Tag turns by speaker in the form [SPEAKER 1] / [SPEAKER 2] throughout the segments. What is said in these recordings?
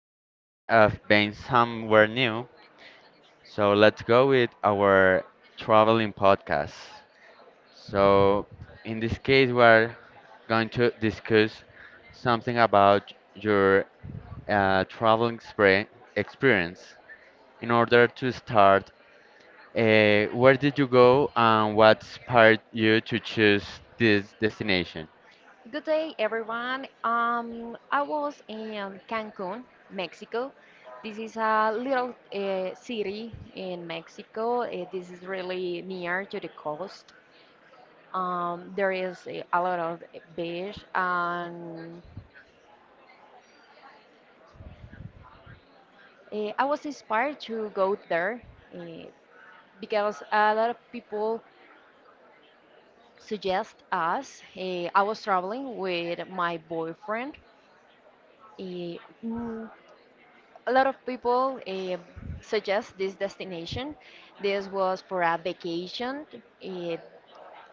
[SPEAKER 1] I'm feeling of being somewhere new. So, let's go with our traveling podcast. So, in this case, we're going to discuss something about your traveling experience. In order to start where did you go and what inspired you to choose this destination?
[SPEAKER 2] Good day, everyone. I was in Cancun, Mexico. This is a little city in Mexico. This is really near to the coast. There is a lot of beach, and I was inspired to go there uh, because a lot of people suggest us. I was traveling with my boyfriend. Uh, a lot of people suggest this destination. This was for a vacation eh,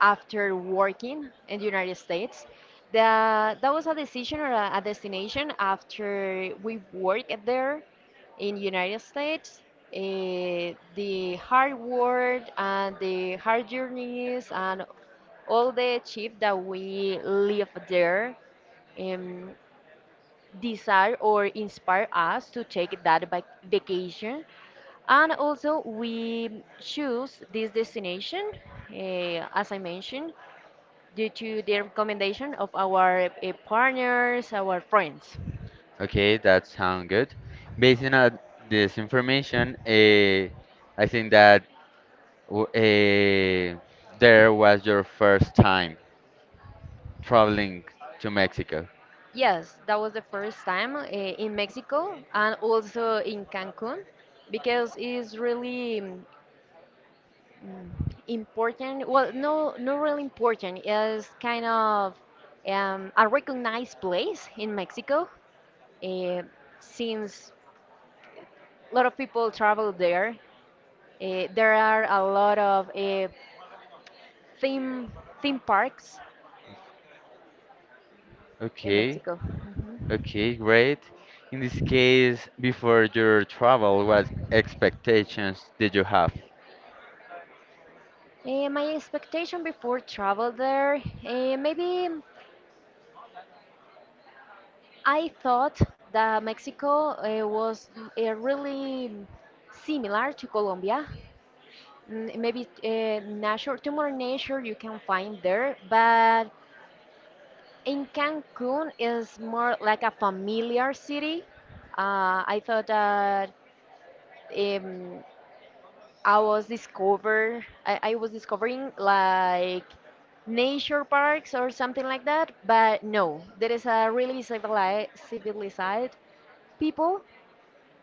[SPEAKER 2] after working in the United States. That was a decision or a destination after we worked there in United States. The hard work and the hard journeys and all the achieve that we live there Um, desire or inspire us to take that vacation, and also we choose this destination, as I mentioned, due to the recommendation of our partners, our friends.
[SPEAKER 1] Okay, that sounds good. Based on this information, I think that w- uh, there was your first time traveling to Mexico.
[SPEAKER 2] Yes, that was the first time in Mexico and also in Cancun, because it's really important. Well, no, not really important. It's kind of a recognized place in Mexico. Uh, since a lot of people travel there, there are a lot of theme theme parks in
[SPEAKER 1] Okay,
[SPEAKER 2] Mexico. Mhm.
[SPEAKER 1] okay, great. In this case, before your travel, what expectations did you have?
[SPEAKER 2] My expectation before travel there, maybe I thought that Mexico was really similar to Colombia. Maybe nature, too more nature you can find there, but in Cancun is more like a familiar city. I thought that um, I was discovering like nature parks or something like that, but no, there is a really civilized people,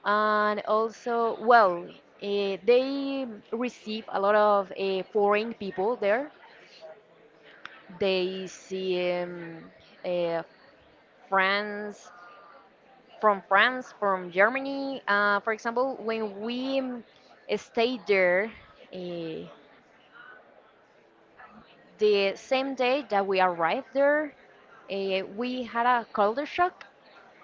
[SPEAKER 2] and also, well, they receive a lot of foreign people there. They see, uh, France, from France, from Germany. For example, when we stayed there, uh, the same day that we arrived there, we had a culture shock,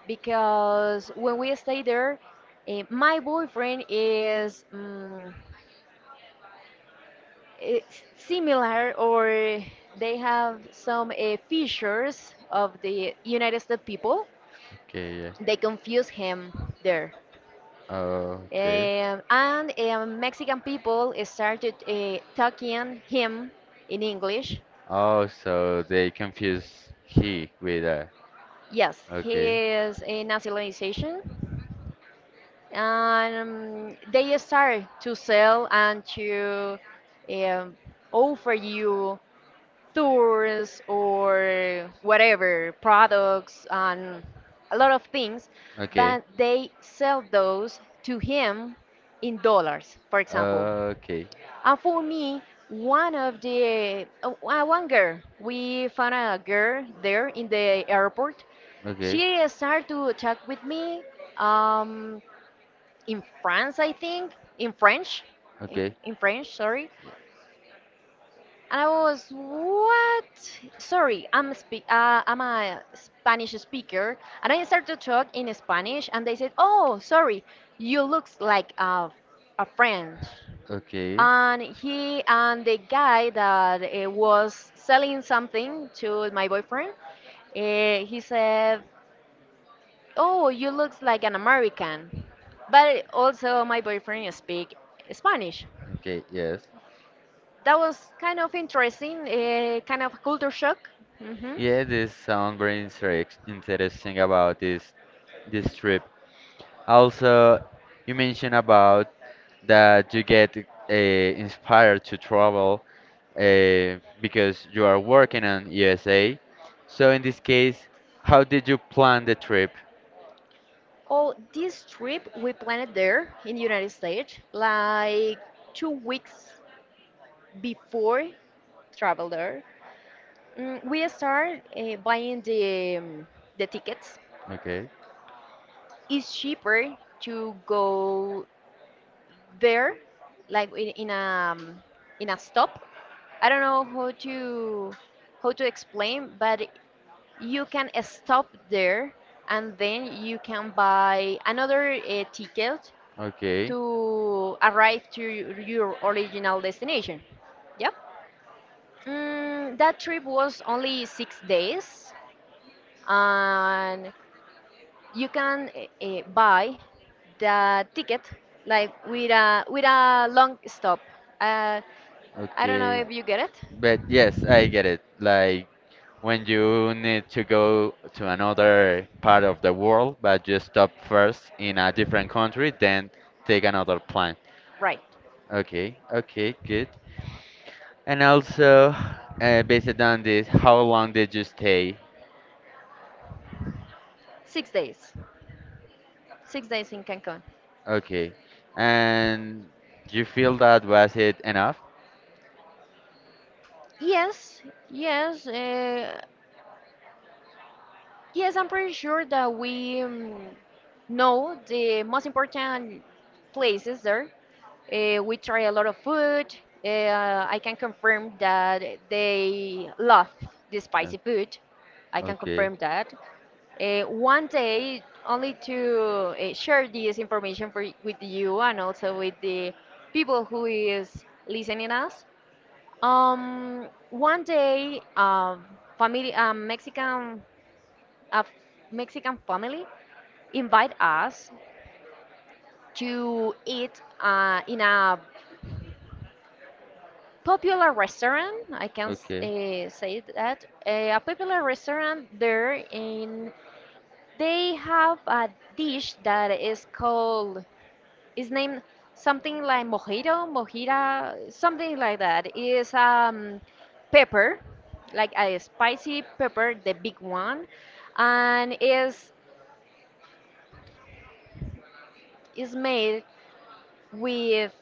[SPEAKER 2] because when we stayed there, my boyfriend is, it's similar, or they have some features of the United States people.
[SPEAKER 1] Okay, yeah.
[SPEAKER 2] They confuse him there.
[SPEAKER 1] Oh, okay.
[SPEAKER 2] And Mexican people started talking him in English.
[SPEAKER 1] Oh, so they confuse he with a.
[SPEAKER 2] Yes,
[SPEAKER 1] Okay.
[SPEAKER 2] his nationalization. And they start to sell and to um, offer you tours or whatever, products and a lot of things.
[SPEAKER 1] Okay.
[SPEAKER 2] But they sell those to him in dollars, for example.
[SPEAKER 1] Okay.
[SPEAKER 2] For me, one of the one girl, we found a girl there in the airport.
[SPEAKER 1] Okay.
[SPEAKER 2] She started to talk with me um, in France, I think, in French, in,
[SPEAKER 1] Okay.
[SPEAKER 2] in French, sorry.
[SPEAKER 1] Yeah,
[SPEAKER 2] And I was what? Sorry, I'm speak. I'm a Spanish speaker, and I started to talk in Spanish, and they said, "Oh, sorry, you looks like a French."
[SPEAKER 1] okay.
[SPEAKER 2] And he, and the guy that was selling something to my boyfriend, he said, "Oh, you looks like an American." But also my boyfriend speak Spanish.
[SPEAKER 1] Okay. Yes.
[SPEAKER 2] That was kind of interesting, kind of culture shock. Hmm.
[SPEAKER 1] Yeah, this sounds very interesting about this trip. Also, you mentioned about that you get inspired to travel because you are working in USA. So in this case, how did you plan the trip?
[SPEAKER 2] Oh, this trip we planned there in United States like 2 weeks before travel there. We start buying the tickets.
[SPEAKER 1] Okay,
[SPEAKER 2] It's cheaper to go there, like in a in a stop. I don't know how to explain, but you can stop there, and then you can buy another ticket
[SPEAKER 1] okay,
[SPEAKER 2] to arrive to your original destination. Yeah. That trip was only 6 days, and you can buy the ticket like with a long stop. Uh, I don't know
[SPEAKER 1] okay.
[SPEAKER 2] if you get it.
[SPEAKER 1] But yes, I get it. Like when you need to go to another part of the world, but you stop first in a different country, then take another plane.
[SPEAKER 2] Right,
[SPEAKER 1] Okay, okay, good. And also, based on this, how long did you stay?
[SPEAKER 2] 6 days, 6 days in Cancun.
[SPEAKER 1] Okay, and do you feel that was it enough?
[SPEAKER 2] Yes, yes, yes. I'm pretty sure that we know the most important places there. We try a lot of food. I can confirm that they love the
[SPEAKER 1] Uh,
[SPEAKER 2] spicy food. I can
[SPEAKER 1] okay,
[SPEAKER 2] confirm that. One day, only to share this information for with you and also with the people who is listening us. One day, family, a Mexican family invite us to eat in a popular restaurant. I can
[SPEAKER 1] okay,
[SPEAKER 2] say that a popular restaurant there in. They have a dish that is called, it's named something like mojito, mojita, something like that. It's pepper, like a spicy pepper, the big one, and is made with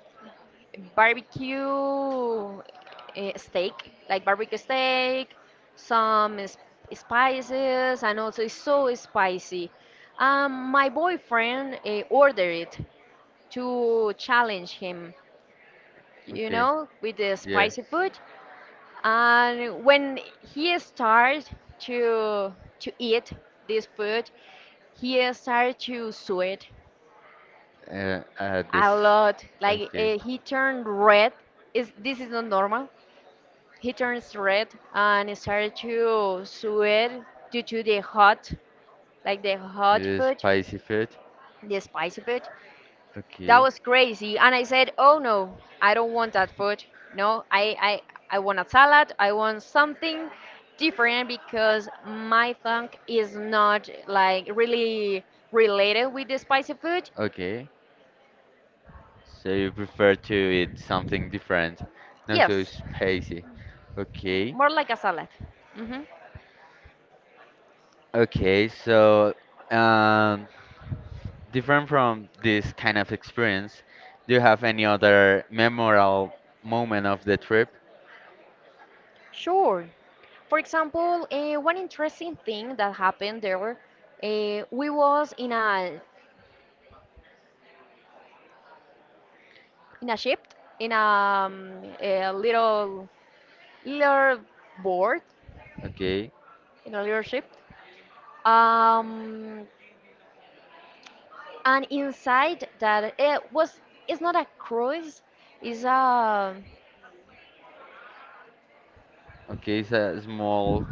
[SPEAKER 2] barbecue steak, like barbecue steak, some spices, and also it's so spicy. My boyfriend ordered it to challenge him, you
[SPEAKER 1] okay.
[SPEAKER 2] know, with the
[SPEAKER 1] Yeah.
[SPEAKER 2] spicy food. And when he started to eat this food, he started to sweat
[SPEAKER 1] I had this.
[SPEAKER 2] a lot. Like
[SPEAKER 1] Okay.
[SPEAKER 2] he turned red. Is this is not normal? He turns red and started to sweat due to the hot, like the hot
[SPEAKER 1] To
[SPEAKER 2] food,
[SPEAKER 1] spicy food.
[SPEAKER 2] the spicy food. That
[SPEAKER 1] Okay.
[SPEAKER 2] was crazy. And I said, "Oh no, I don't want that food. No, I I want a salad. I want something different because my tongue is not like really related with the spicy food.
[SPEAKER 1] Okay, so you prefer to eat something different, not so
[SPEAKER 2] Yes,
[SPEAKER 1] spicy. Okay,
[SPEAKER 2] more like a salad." Hmm.
[SPEAKER 1] okay, so um, different from this kind of experience, do you have any other memorable moment of the trip?
[SPEAKER 2] Sure. For example, one interesting thing that happened there, we was in a ship, in a little little board
[SPEAKER 1] Okay,
[SPEAKER 2] in a little ship, Um, and inside that it was, it's not a cruise, it's a,
[SPEAKER 1] okay, it's a small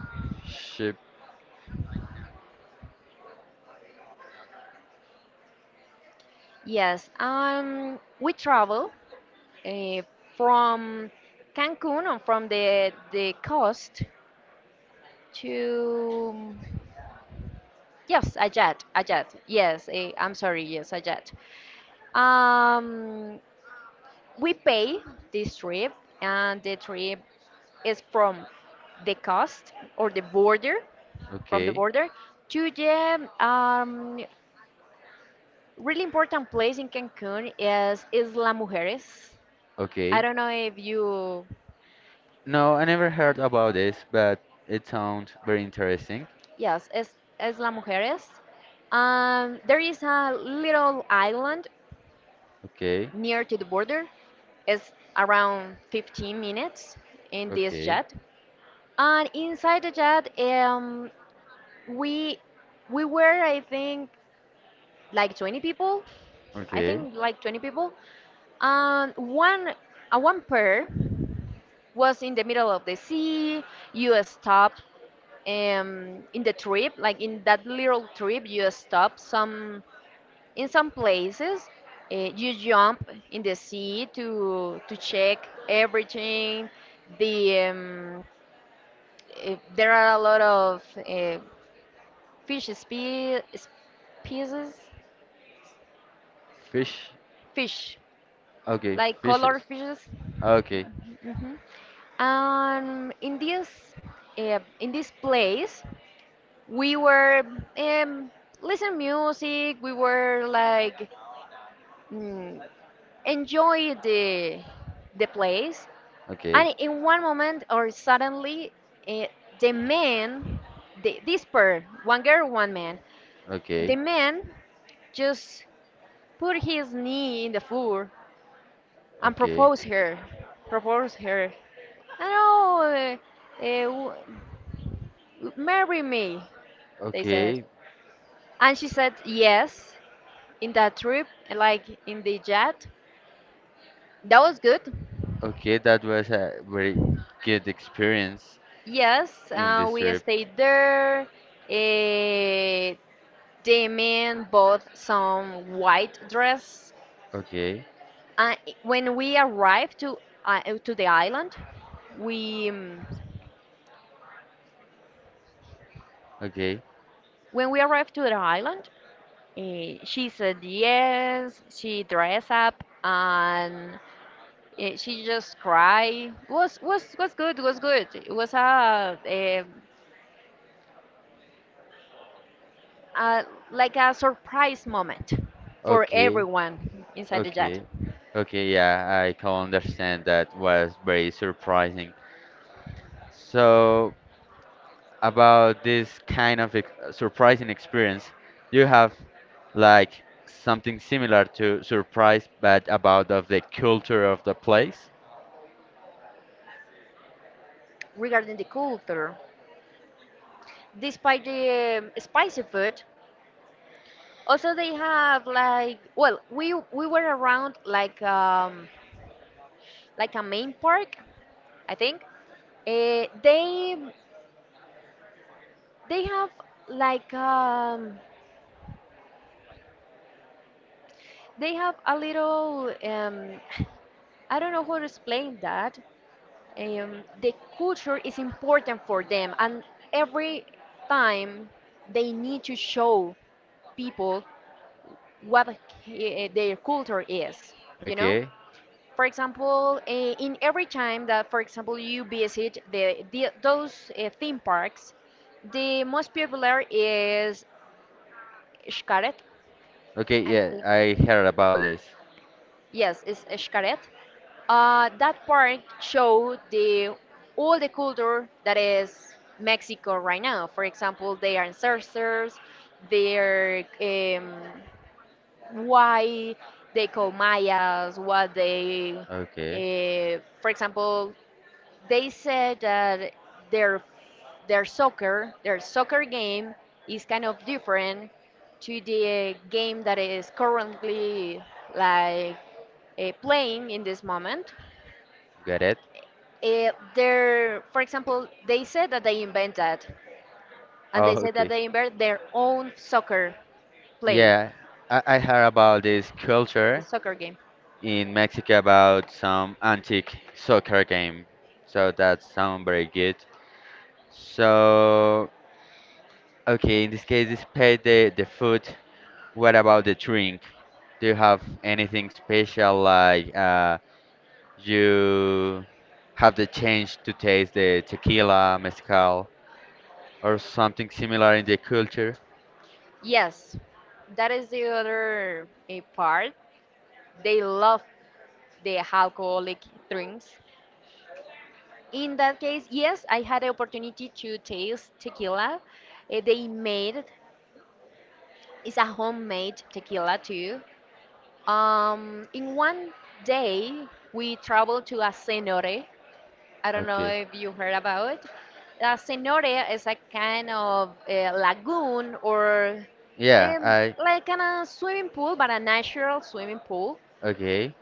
[SPEAKER 1] ship.
[SPEAKER 2] yes. We travel uh, from Cancun and from the coast to, yes, a jet, a jet. Yes, I'm sorry, yes, a jet. Um, we pay this trip, and the trip is from the coast or the border, from the
[SPEAKER 1] Okay,
[SPEAKER 2] border to the really important place in Cancun is Isla Mujeres. I
[SPEAKER 1] okay.
[SPEAKER 2] don't know if you,
[SPEAKER 1] No, I never heard about this, but it sounds very interesting.
[SPEAKER 2] yes, is Isla Mujeres. There is a little island
[SPEAKER 1] Okay,
[SPEAKER 2] near to the border. It's around 15 minutes in this
[SPEAKER 1] okay,
[SPEAKER 2] jet. And inside the jet, we we were, I think, like 20 people. I
[SPEAKER 1] okay.
[SPEAKER 2] think like 20 people. And one, one pair was in the middle of the sea. You stop in the trip, like in that little trip, you stop some in some places. You jump in the sea to check everything. The there are a lot of fish species,
[SPEAKER 1] Fish.
[SPEAKER 2] fish
[SPEAKER 1] Okay,
[SPEAKER 2] like color
[SPEAKER 1] fishes.
[SPEAKER 2] fishes.
[SPEAKER 1] Okay,
[SPEAKER 2] Mhm. In this in this place, we were um, listening music. We were like mm, enjoy the place,
[SPEAKER 1] okay.
[SPEAKER 2] and in one moment or suddenly, uh, the man, the, this pair, one girl, one man, the
[SPEAKER 1] Okay,
[SPEAKER 2] man just put his knee in the floor and
[SPEAKER 1] okay,
[SPEAKER 2] propose her, propose her. I know, uh, uh, marry me, they said.
[SPEAKER 1] okay,
[SPEAKER 2] And she said yes in that trip, like in the jet. That was good.
[SPEAKER 1] okay. That was a very good experience
[SPEAKER 2] Yes,
[SPEAKER 1] in this
[SPEAKER 2] we
[SPEAKER 1] trip.
[SPEAKER 2] stayed there. Eh, the men bought some white dress.
[SPEAKER 1] Okay,
[SPEAKER 2] Uh, when we arrived to the island, we
[SPEAKER 1] okay,
[SPEAKER 2] when we arrived to the island, she said yes. She dressed up and, she just cried. Was good. Was good. It was a like a surprise moment for
[SPEAKER 1] okay,
[SPEAKER 2] everyone inside the jet.
[SPEAKER 1] okay, okay. Yeah, I can understand that was very surprising. So, about this kind of surprising experience, you have like something similar to surprise, but about of the culture of the place.
[SPEAKER 2] Regarding the culture, despite the spicy food, also they have like, well, we were around like a main park, I think. Eh, they they have like they have a little, I don't know how to explain that. The culture is important for them, and every time they need to show people what their culture is, you know?
[SPEAKER 1] Okay.
[SPEAKER 2] For example, in every time that, for example, you visit the those theme parks, the most popular is Xcaret.
[SPEAKER 1] Okay. Yeah, I heard about this.
[SPEAKER 2] Yes, it's Xcaret. That park showed the all the culture that is Mexico right now. For example, their ancestors, their why they call Mayas, what they,
[SPEAKER 1] Okay.
[SPEAKER 2] for example, they said that their soccer, their soccer game is kind of different to the game that is currently like playing in this moment.
[SPEAKER 1] Got it.
[SPEAKER 2] For example, they said that they invent that, and
[SPEAKER 1] Oh,
[SPEAKER 2] they said that
[SPEAKER 1] okay.
[SPEAKER 2] they invent their own soccer play,
[SPEAKER 1] Yeah, I heard about this
[SPEAKER 2] the
[SPEAKER 1] culture
[SPEAKER 2] soccer game.
[SPEAKER 1] in Mexico about some antique soccer game. So that sounds very good. So, okay, in this case, despite the food. What about the drink? Do you have anything special like you have the chance to taste the tequila, mezcal, or something similar in the culture?
[SPEAKER 2] Yes, that is the other part. They love the alcoholic drinks. In that case, yes, I had the opportunity to taste tequila. They made it. It's a homemade tequila too. In one day, we traveled to a cenote. I don't know
[SPEAKER 1] Okay.
[SPEAKER 2] if you heard about it. Cenote is a kind of lagoon or
[SPEAKER 1] Yeah, I.
[SPEAKER 2] like a swimming pool, but a natural swimming pool.
[SPEAKER 1] Okay.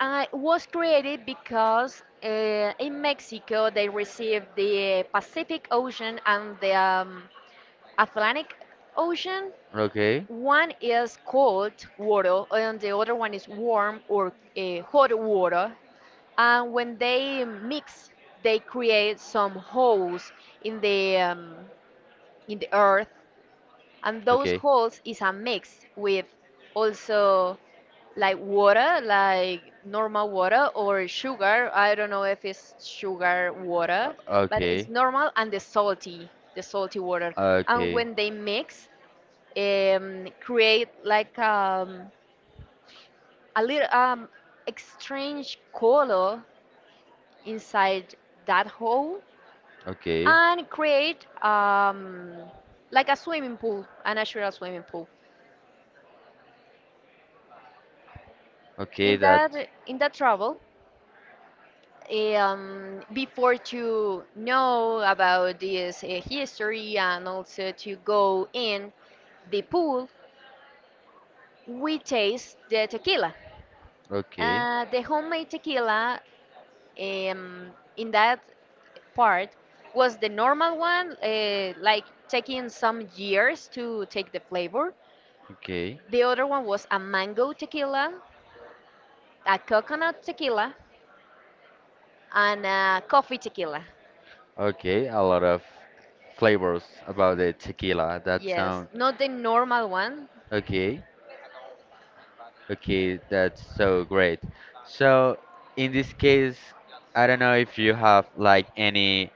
[SPEAKER 2] It was created because in Mexico they received the Pacific Ocean and the Atlantic Ocean.
[SPEAKER 1] Okay.
[SPEAKER 2] One is cold water, and the other one is warm or hot water, and when they mix they create some holes in the um, in the earth, and those
[SPEAKER 1] Okay.
[SPEAKER 2] holes is a mix with also like water like normal water or sugar, I don't know if it's sugar water, but it's
[SPEAKER 1] Okay.
[SPEAKER 2] normal and the salty, the salty water, and
[SPEAKER 1] Okay.
[SPEAKER 2] when they mix create like a little strange color inside that hole
[SPEAKER 1] Okay.
[SPEAKER 2] and create like a swimming pool, a natural swimming pool.
[SPEAKER 1] Okay.
[SPEAKER 2] In
[SPEAKER 1] That.
[SPEAKER 2] that in that travel, before to know about this history and also to go in the pool, we taste the tequila.
[SPEAKER 1] Okay.
[SPEAKER 2] The homemade tequila um, in that part was the normal one, like taking some years to take the flavor.
[SPEAKER 1] Okay.
[SPEAKER 2] The other one was a mango tequila, a coconut tequila, and a coffee tequila.
[SPEAKER 1] Okay, a lot of flavors about the tequila. That
[SPEAKER 2] Yes,
[SPEAKER 1] sound
[SPEAKER 2] not the normal one,
[SPEAKER 1] okay. Okay, that's so great. So, in this case, I don't know if you have like any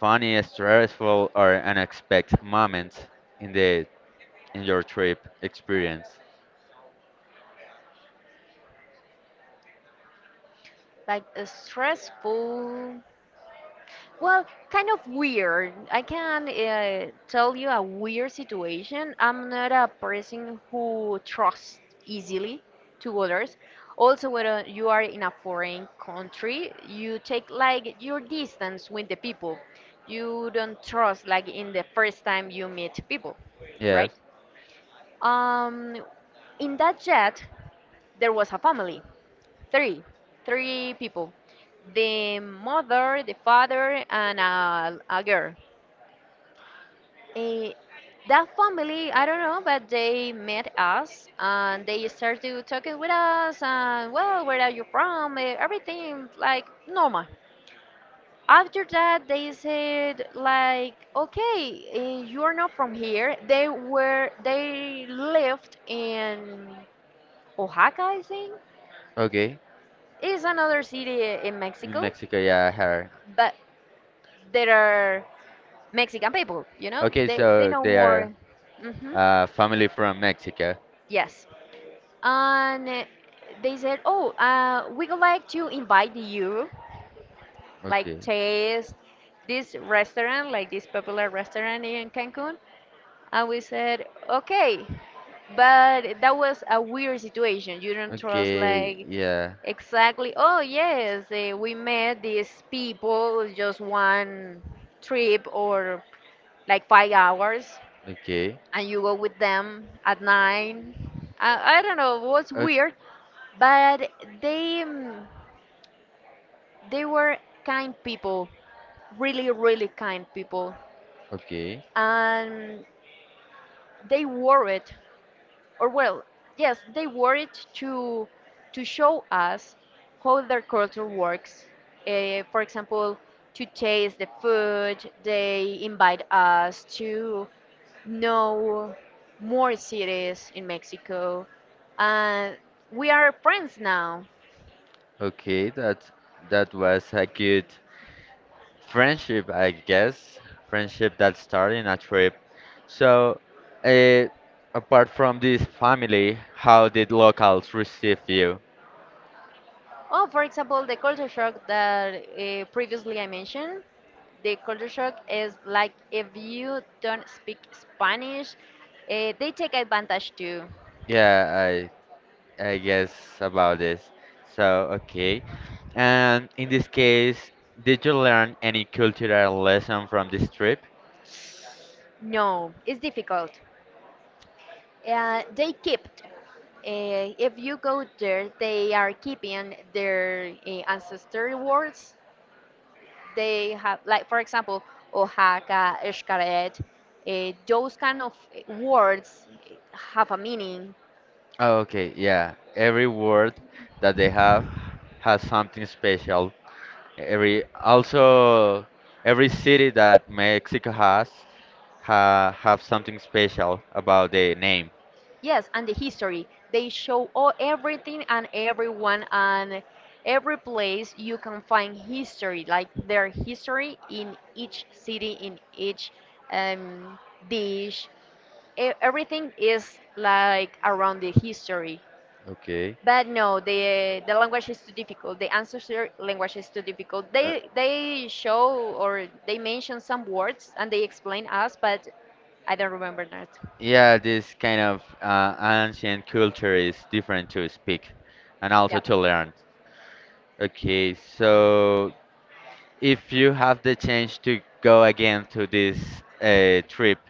[SPEAKER 1] funny, stressful, or unexpected moments in the in your trip experience.
[SPEAKER 2] like a stressful. Well, kind of weird. I can tell you a weird situation. I'm not a person who trusts easily to others. Also, when you are in a foreign country, you take like your distance with the people. You don't trust like in the first time you meet people,
[SPEAKER 1] Yes.
[SPEAKER 2] right? Um, in that jet, there was a family, three, three people, the mother, the father, and a girl. Eh, that family, I don't know, but they met us and they started talking with us and, well, where are you from? Everything like normal. After that, they said like, okay, you're not from here. They lived in Oaxaca, I think.
[SPEAKER 1] Okay.
[SPEAKER 2] Is another city in
[SPEAKER 1] In
[SPEAKER 2] Mexico,
[SPEAKER 1] Mexico, yeah, I heard.
[SPEAKER 2] but there are Mexican people, you know?
[SPEAKER 1] Okay,
[SPEAKER 2] They
[SPEAKER 1] so
[SPEAKER 2] know
[SPEAKER 1] they are
[SPEAKER 2] more. Hmm.
[SPEAKER 1] family from Mexico.
[SPEAKER 2] Yes. And they said, oh, we would like to invite you, like,
[SPEAKER 1] Okay.
[SPEAKER 2] taste this restaurant, like this popular restaurant in Cancun. And we said, okay. But that was a weird situation. You don't trust,
[SPEAKER 1] Okay.
[SPEAKER 2] like.
[SPEAKER 1] Yeah.
[SPEAKER 2] Exactly. Oh, yes. We met these people just one trip or like 5 hours,
[SPEAKER 1] Okay.
[SPEAKER 2] and you go with them at 9. I don't know. It was
[SPEAKER 1] O-
[SPEAKER 2] weird, but they mm, they were kind people, really, really kind people,
[SPEAKER 1] Okay,
[SPEAKER 2] and they worried or well, yes, they wore it to show us how their culture works. For example, to taste the food, they invite us to know more cities in Mexico, and we are friends now.
[SPEAKER 1] okay, that was a good friendship, I guess. Friendship that started in a trip. So, uh, apart from this family, how did locals receive you?
[SPEAKER 2] Oh, for example, the culture shock that previously I mentioned. The culture shock is like if you don't speak Spanish, they take advantage too.
[SPEAKER 1] Yeah, I guess about this. So, okay. And in this case, did you learn any cultural lesson from this trip?
[SPEAKER 2] No, it's difficult. They keep. If you go there, they are keeping their ancestral words. They have, like for example, Oaxaca, Xcaret, those kind of words have a meaning.
[SPEAKER 1] Oh, okay, yeah. Every word that they have has something special. Every also every city that Mexico has ha, have something special about the name.
[SPEAKER 2] Yes, and the history. They show all everything and everyone and every place you can find history, like their history in each city, in each um, dish, everything is like around the history
[SPEAKER 1] Okay.
[SPEAKER 2] but no, the language is too difficult. The ancestor language is too difficult.
[SPEAKER 1] Uh,
[SPEAKER 2] They show or they mention some words and they explain us, but I don't remember that.
[SPEAKER 1] yeah, this kind of ancient culture is different to speak and also
[SPEAKER 2] Yep.
[SPEAKER 1] to learn. Okay, so if you have the chance to go again to this trip,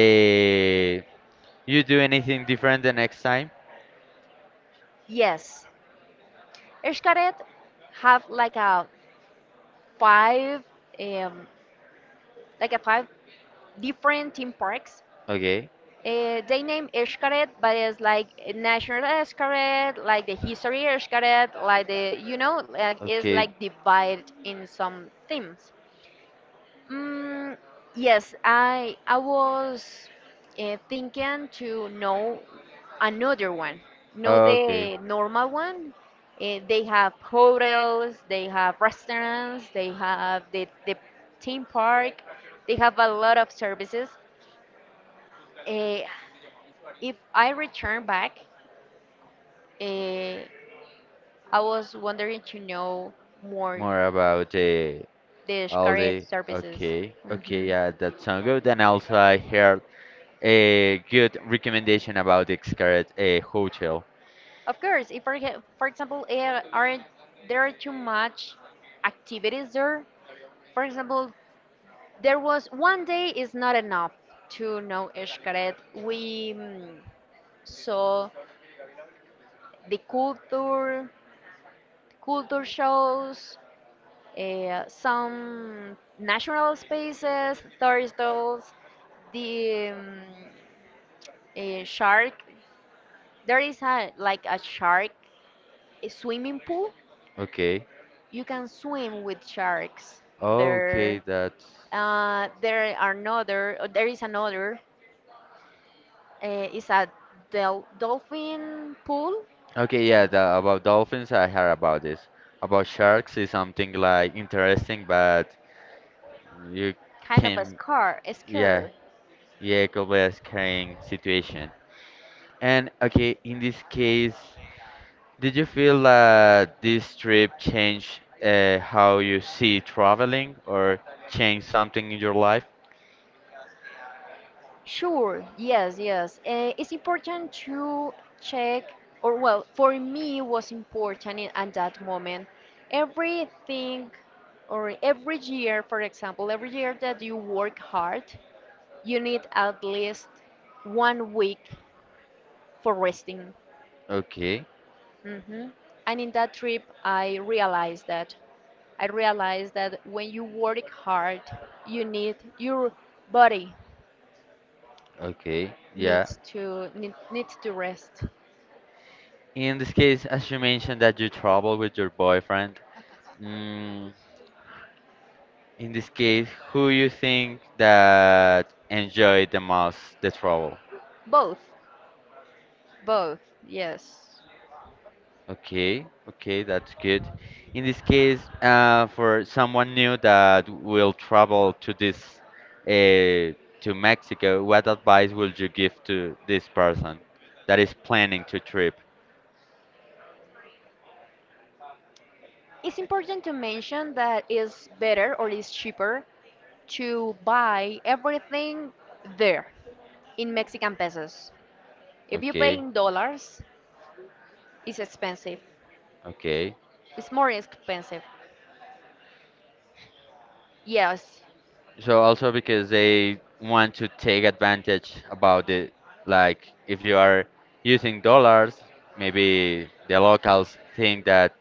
[SPEAKER 1] uh, you do anything different the next time?
[SPEAKER 2] Yes. Ishkaret have like five, um, a five different theme parks.
[SPEAKER 1] Okay.
[SPEAKER 2] They name Ishkaret, but it's like National Ishkaret, like the History Ishkaret, like the like it's
[SPEAKER 1] Okay.
[SPEAKER 2] like divided in some themes. Mm, yes, I was thinking to know another one. Not
[SPEAKER 1] Okay.
[SPEAKER 2] the normal one. They have hotels, they have restaurants, they have the theme park. They have a lot of services. Eh, if I return back, eh, I was wondering to know more
[SPEAKER 1] More about
[SPEAKER 2] the
[SPEAKER 1] all
[SPEAKER 2] Xcaret
[SPEAKER 1] the.
[SPEAKER 2] services.
[SPEAKER 1] Okay. Okay.
[SPEAKER 2] Hmm.
[SPEAKER 1] Yeah, that sounds good. And also, I heard a good recommendation about the Xcaret Hotel.
[SPEAKER 2] Of course, if for example, are there are too much activities there. For example, there was one day is not enough to know Escaret. We saw the culture shows, some natural spaces, turtles, the a shark. There is a like a shark, a swimming pool.
[SPEAKER 1] Okay.
[SPEAKER 2] You can swim with sharks
[SPEAKER 1] Okay.
[SPEAKER 2] there.
[SPEAKER 1] That's.
[SPEAKER 2] There are another. There is another. Is a dolphin pool
[SPEAKER 1] Okay, yeah, the, about dolphins, I heard about this. About sharks is something like interesting, but you
[SPEAKER 2] kind of a
[SPEAKER 1] can,
[SPEAKER 2] scar, a
[SPEAKER 1] yeah,
[SPEAKER 2] scare.
[SPEAKER 1] yeah, it could be a scary situation. And okay, in this case, did you feel that this trip changed how you see traveling or changed something in your life?
[SPEAKER 2] Sure, yes, yes. It's important to check, or well, for me it was important at that moment. Everything, or every year, for example, every year that you work hard, you need at least one week for resting.
[SPEAKER 1] Okay,
[SPEAKER 2] hmm And in that trip, I realized that. I realized that when you work hard, your body
[SPEAKER 1] okay, yeah.
[SPEAKER 2] needs to rest.
[SPEAKER 1] In this case, as you mentioned that you travel with your boyfriend, mm, in this case, who you think that enjoyed the most the travel?
[SPEAKER 2] Both, both, yes.
[SPEAKER 1] Okay, okay, that's good. In this case, for someone new that will travel to this uh, to Mexico, what advice would you give to this person that is planning to trip?
[SPEAKER 2] It's important to mention that it's better or it's cheaper to buy everything there in Mexican pesos. If you pay
[SPEAKER 1] Okay,
[SPEAKER 2] in dollars, it's expensive.
[SPEAKER 1] okay.
[SPEAKER 2] It's more expensive. Yes,
[SPEAKER 1] So also because they want to take advantage about it, like if you are using dollars, maybe the locals think that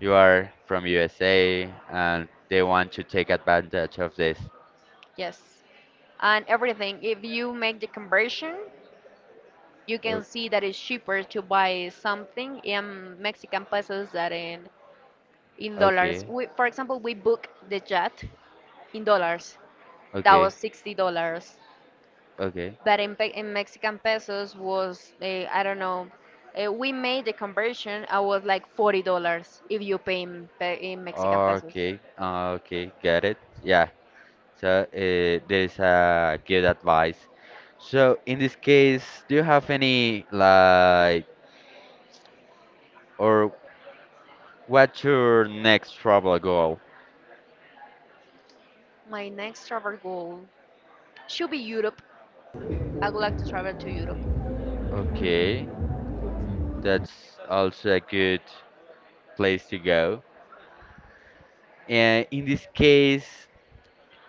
[SPEAKER 1] you are from USA and they want to take advantage of this.
[SPEAKER 2] yes. And everything, if you make the conversion, you
[SPEAKER 1] O-
[SPEAKER 2] can see that it's cheaper to buy something in Mexican pesos than in dollars.
[SPEAKER 1] Okay,
[SPEAKER 2] We, for example, we booked the jet in dollars. That
[SPEAKER 1] okay,
[SPEAKER 2] was $60,
[SPEAKER 1] okay,
[SPEAKER 2] but in Mexican pesos was I don't know. We made the conversion. I was like $40 if you pay in Mexican pesos.
[SPEAKER 1] okay, okay, got it. Yeah, so there is a good advice. So in this case, do you have any like or what's your next travel goal?
[SPEAKER 2] My next travel goal should be Europe. I would like to travel to Europe.
[SPEAKER 1] Okay, that's also a good place to go. And in this case,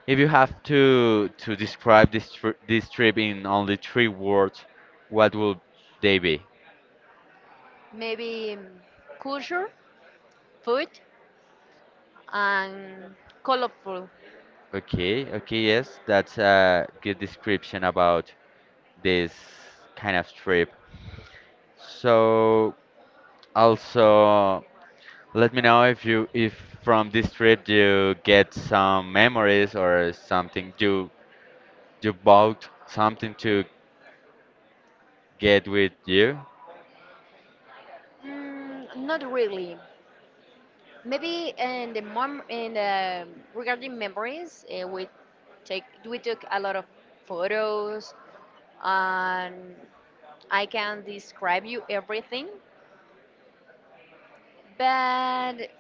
[SPEAKER 1] if you have to describe this trip in only three words, what would they be?
[SPEAKER 2] Maybe culture, food, and colorful.
[SPEAKER 1] Okay, okay, yes, that's a good description about this kind of trip. So, also, let me know if you if from this trip you get some memories or something you bought something to get with you.
[SPEAKER 2] Mm, not really. Maybe in the regarding memories, we took a lot of photos, and I can describe you everything. But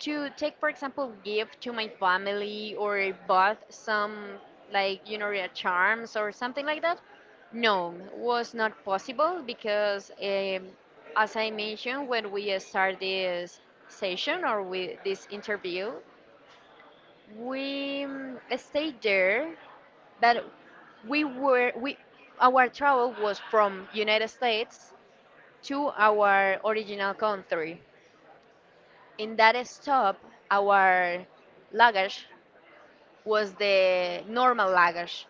[SPEAKER 2] to take, for example, gift to my family or bought some like charms or something like that, no, was not possible because as I mentioned when we start this session or with this interview, we stayed there, but we were we our travel was from United States to our original country. In that stop, our luggage was the normal luggage.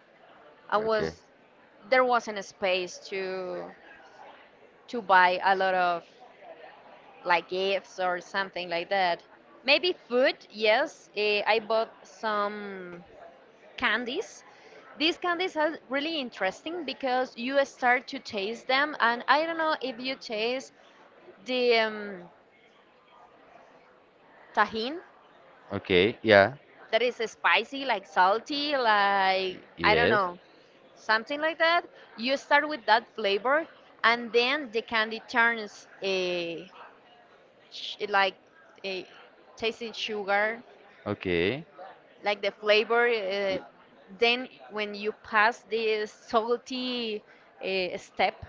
[SPEAKER 2] I
[SPEAKER 1] Okay.
[SPEAKER 2] was There wasn't a space to buy a lot of like gifts or something like that. Maybe food, yes. I bought some candies. These candies are really interesting because you start to taste them, and I don't know if you taste the tajin
[SPEAKER 1] Okay, yeah.
[SPEAKER 2] that is spicy, like salty, like I don't
[SPEAKER 1] Yes.
[SPEAKER 2] know, something like that. You start with that flavor, and then the candy turns like a tasting sugar,
[SPEAKER 1] Okay.
[SPEAKER 2] like the flavor. Uh,
[SPEAKER 1] Y-
[SPEAKER 2] then when you pass this salty step,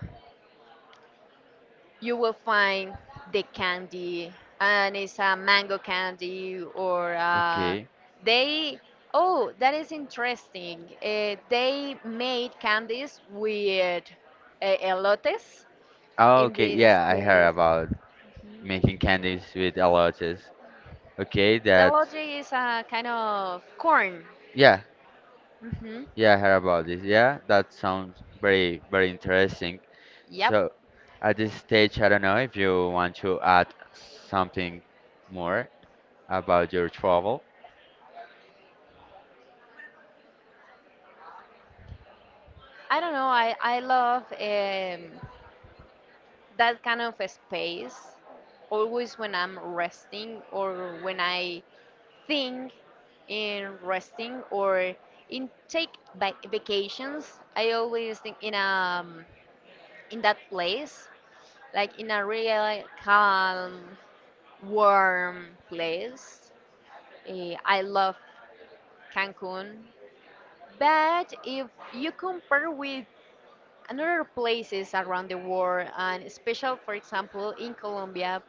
[SPEAKER 2] you will find the candy and it's a mango candy or
[SPEAKER 1] Okay.
[SPEAKER 2] they oh, that is interesting. They made candies with elotes.
[SPEAKER 1] Oh,
[SPEAKER 2] In
[SPEAKER 1] okay.
[SPEAKER 2] this
[SPEAKER 1] Yeah, I heard
[SPEAKER 2] case,
[SPEAKER 1] about making candies with aloes. Okay,
[SPEAKER 2] the
[SPEAKER 1] that.
[SPEAKER 2] elote is a kind of corn.
[SPEAKER 1] Yeah,
[SPEAKER 2] Hmm.
[SPEAKER 1] yeah, I heard about this. Yeah, that sounds very interesting.
[SPEAKER 2] Yep.
[SPEAKER 1] So, at this stage, I don't know if you want to add something more about your travel.
[SPEAKER 2] I don't know. I love that kind of a space always when I'm resting or when I think in resting or in vacations. I always think in that place, like in a real calm, warm place. I love Cancun, but if you compare with another places around the world, and special, for example, in Colombia,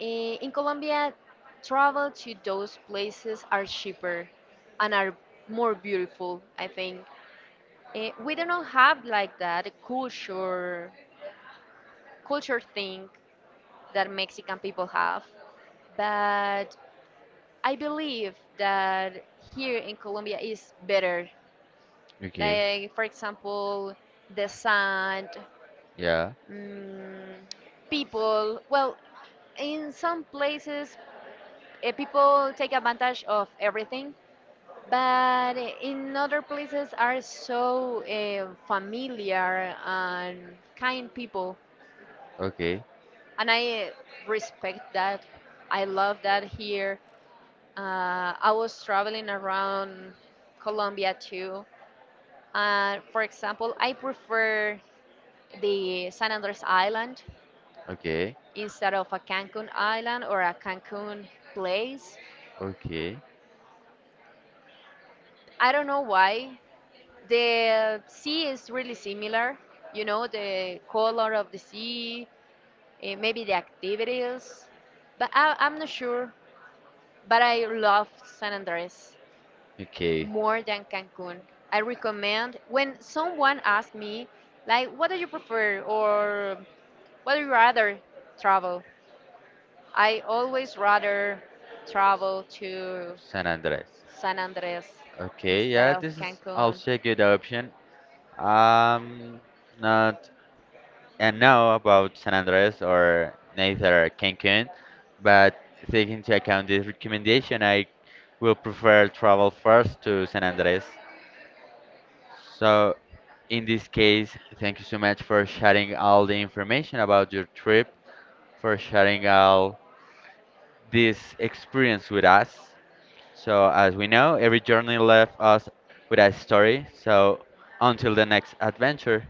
[SPEAKER 2] in Colombia, travel to those places are cheaper and are more beautiful, I think. We do not have like that culture thing that Mexican people have, but I believe that here in Colombia is better.
[SPEAKER 1] Okay.
[SPEAKER 2] Like for example, the sand,
[SPEAKER 1] Yeah.
[SPEAKER 2] mm, people. Well, in some places, people take advantage of everything, but in other places are so familiar and kind people.
[SPEAKER 1] Okay.
[SPEAKER 2] And I respect that. I love that here. I was traveling around Colombia too. And for example, I prefer the San Andres island
[SPEAKER 1] Okay.
[SPEAKER 2] instead of a Cancun island or a Cancun place.
[SPEAKER 1] Okay.
[SPEAKER 2] I don't know why. The sea is really similar, the color of the sea, maybe the activities, but I'm not sure. But I love San Andres
[SPEAKER 1] Okay.
[SPEAKER 2] more than Cancun. I recommend when someone asks me, like, what do you prefer or what do you rather travel? I always rather travel to
[SPEAKER 1] San Andres.
[SPEAKER 2] San Andres
[SPEAKER 1] Okay,
[SPEAKER 2] instead
[SPEAKER 1] yeah,
[SPEAKER 2] of
[SPEAKER 1] this is
[SPEAKER 2] Cancun.
[SPEAKER 1] also a good option. Um, not I know about San Andres or neither Cancun, but taking into account this recommendation, I will prefer travel first to San Andres. So, in this case, thank you so much for sharing all the information about your trip, for sharing all this experience with us. So, as we know, every journey left us with a story. So, until the next adventure.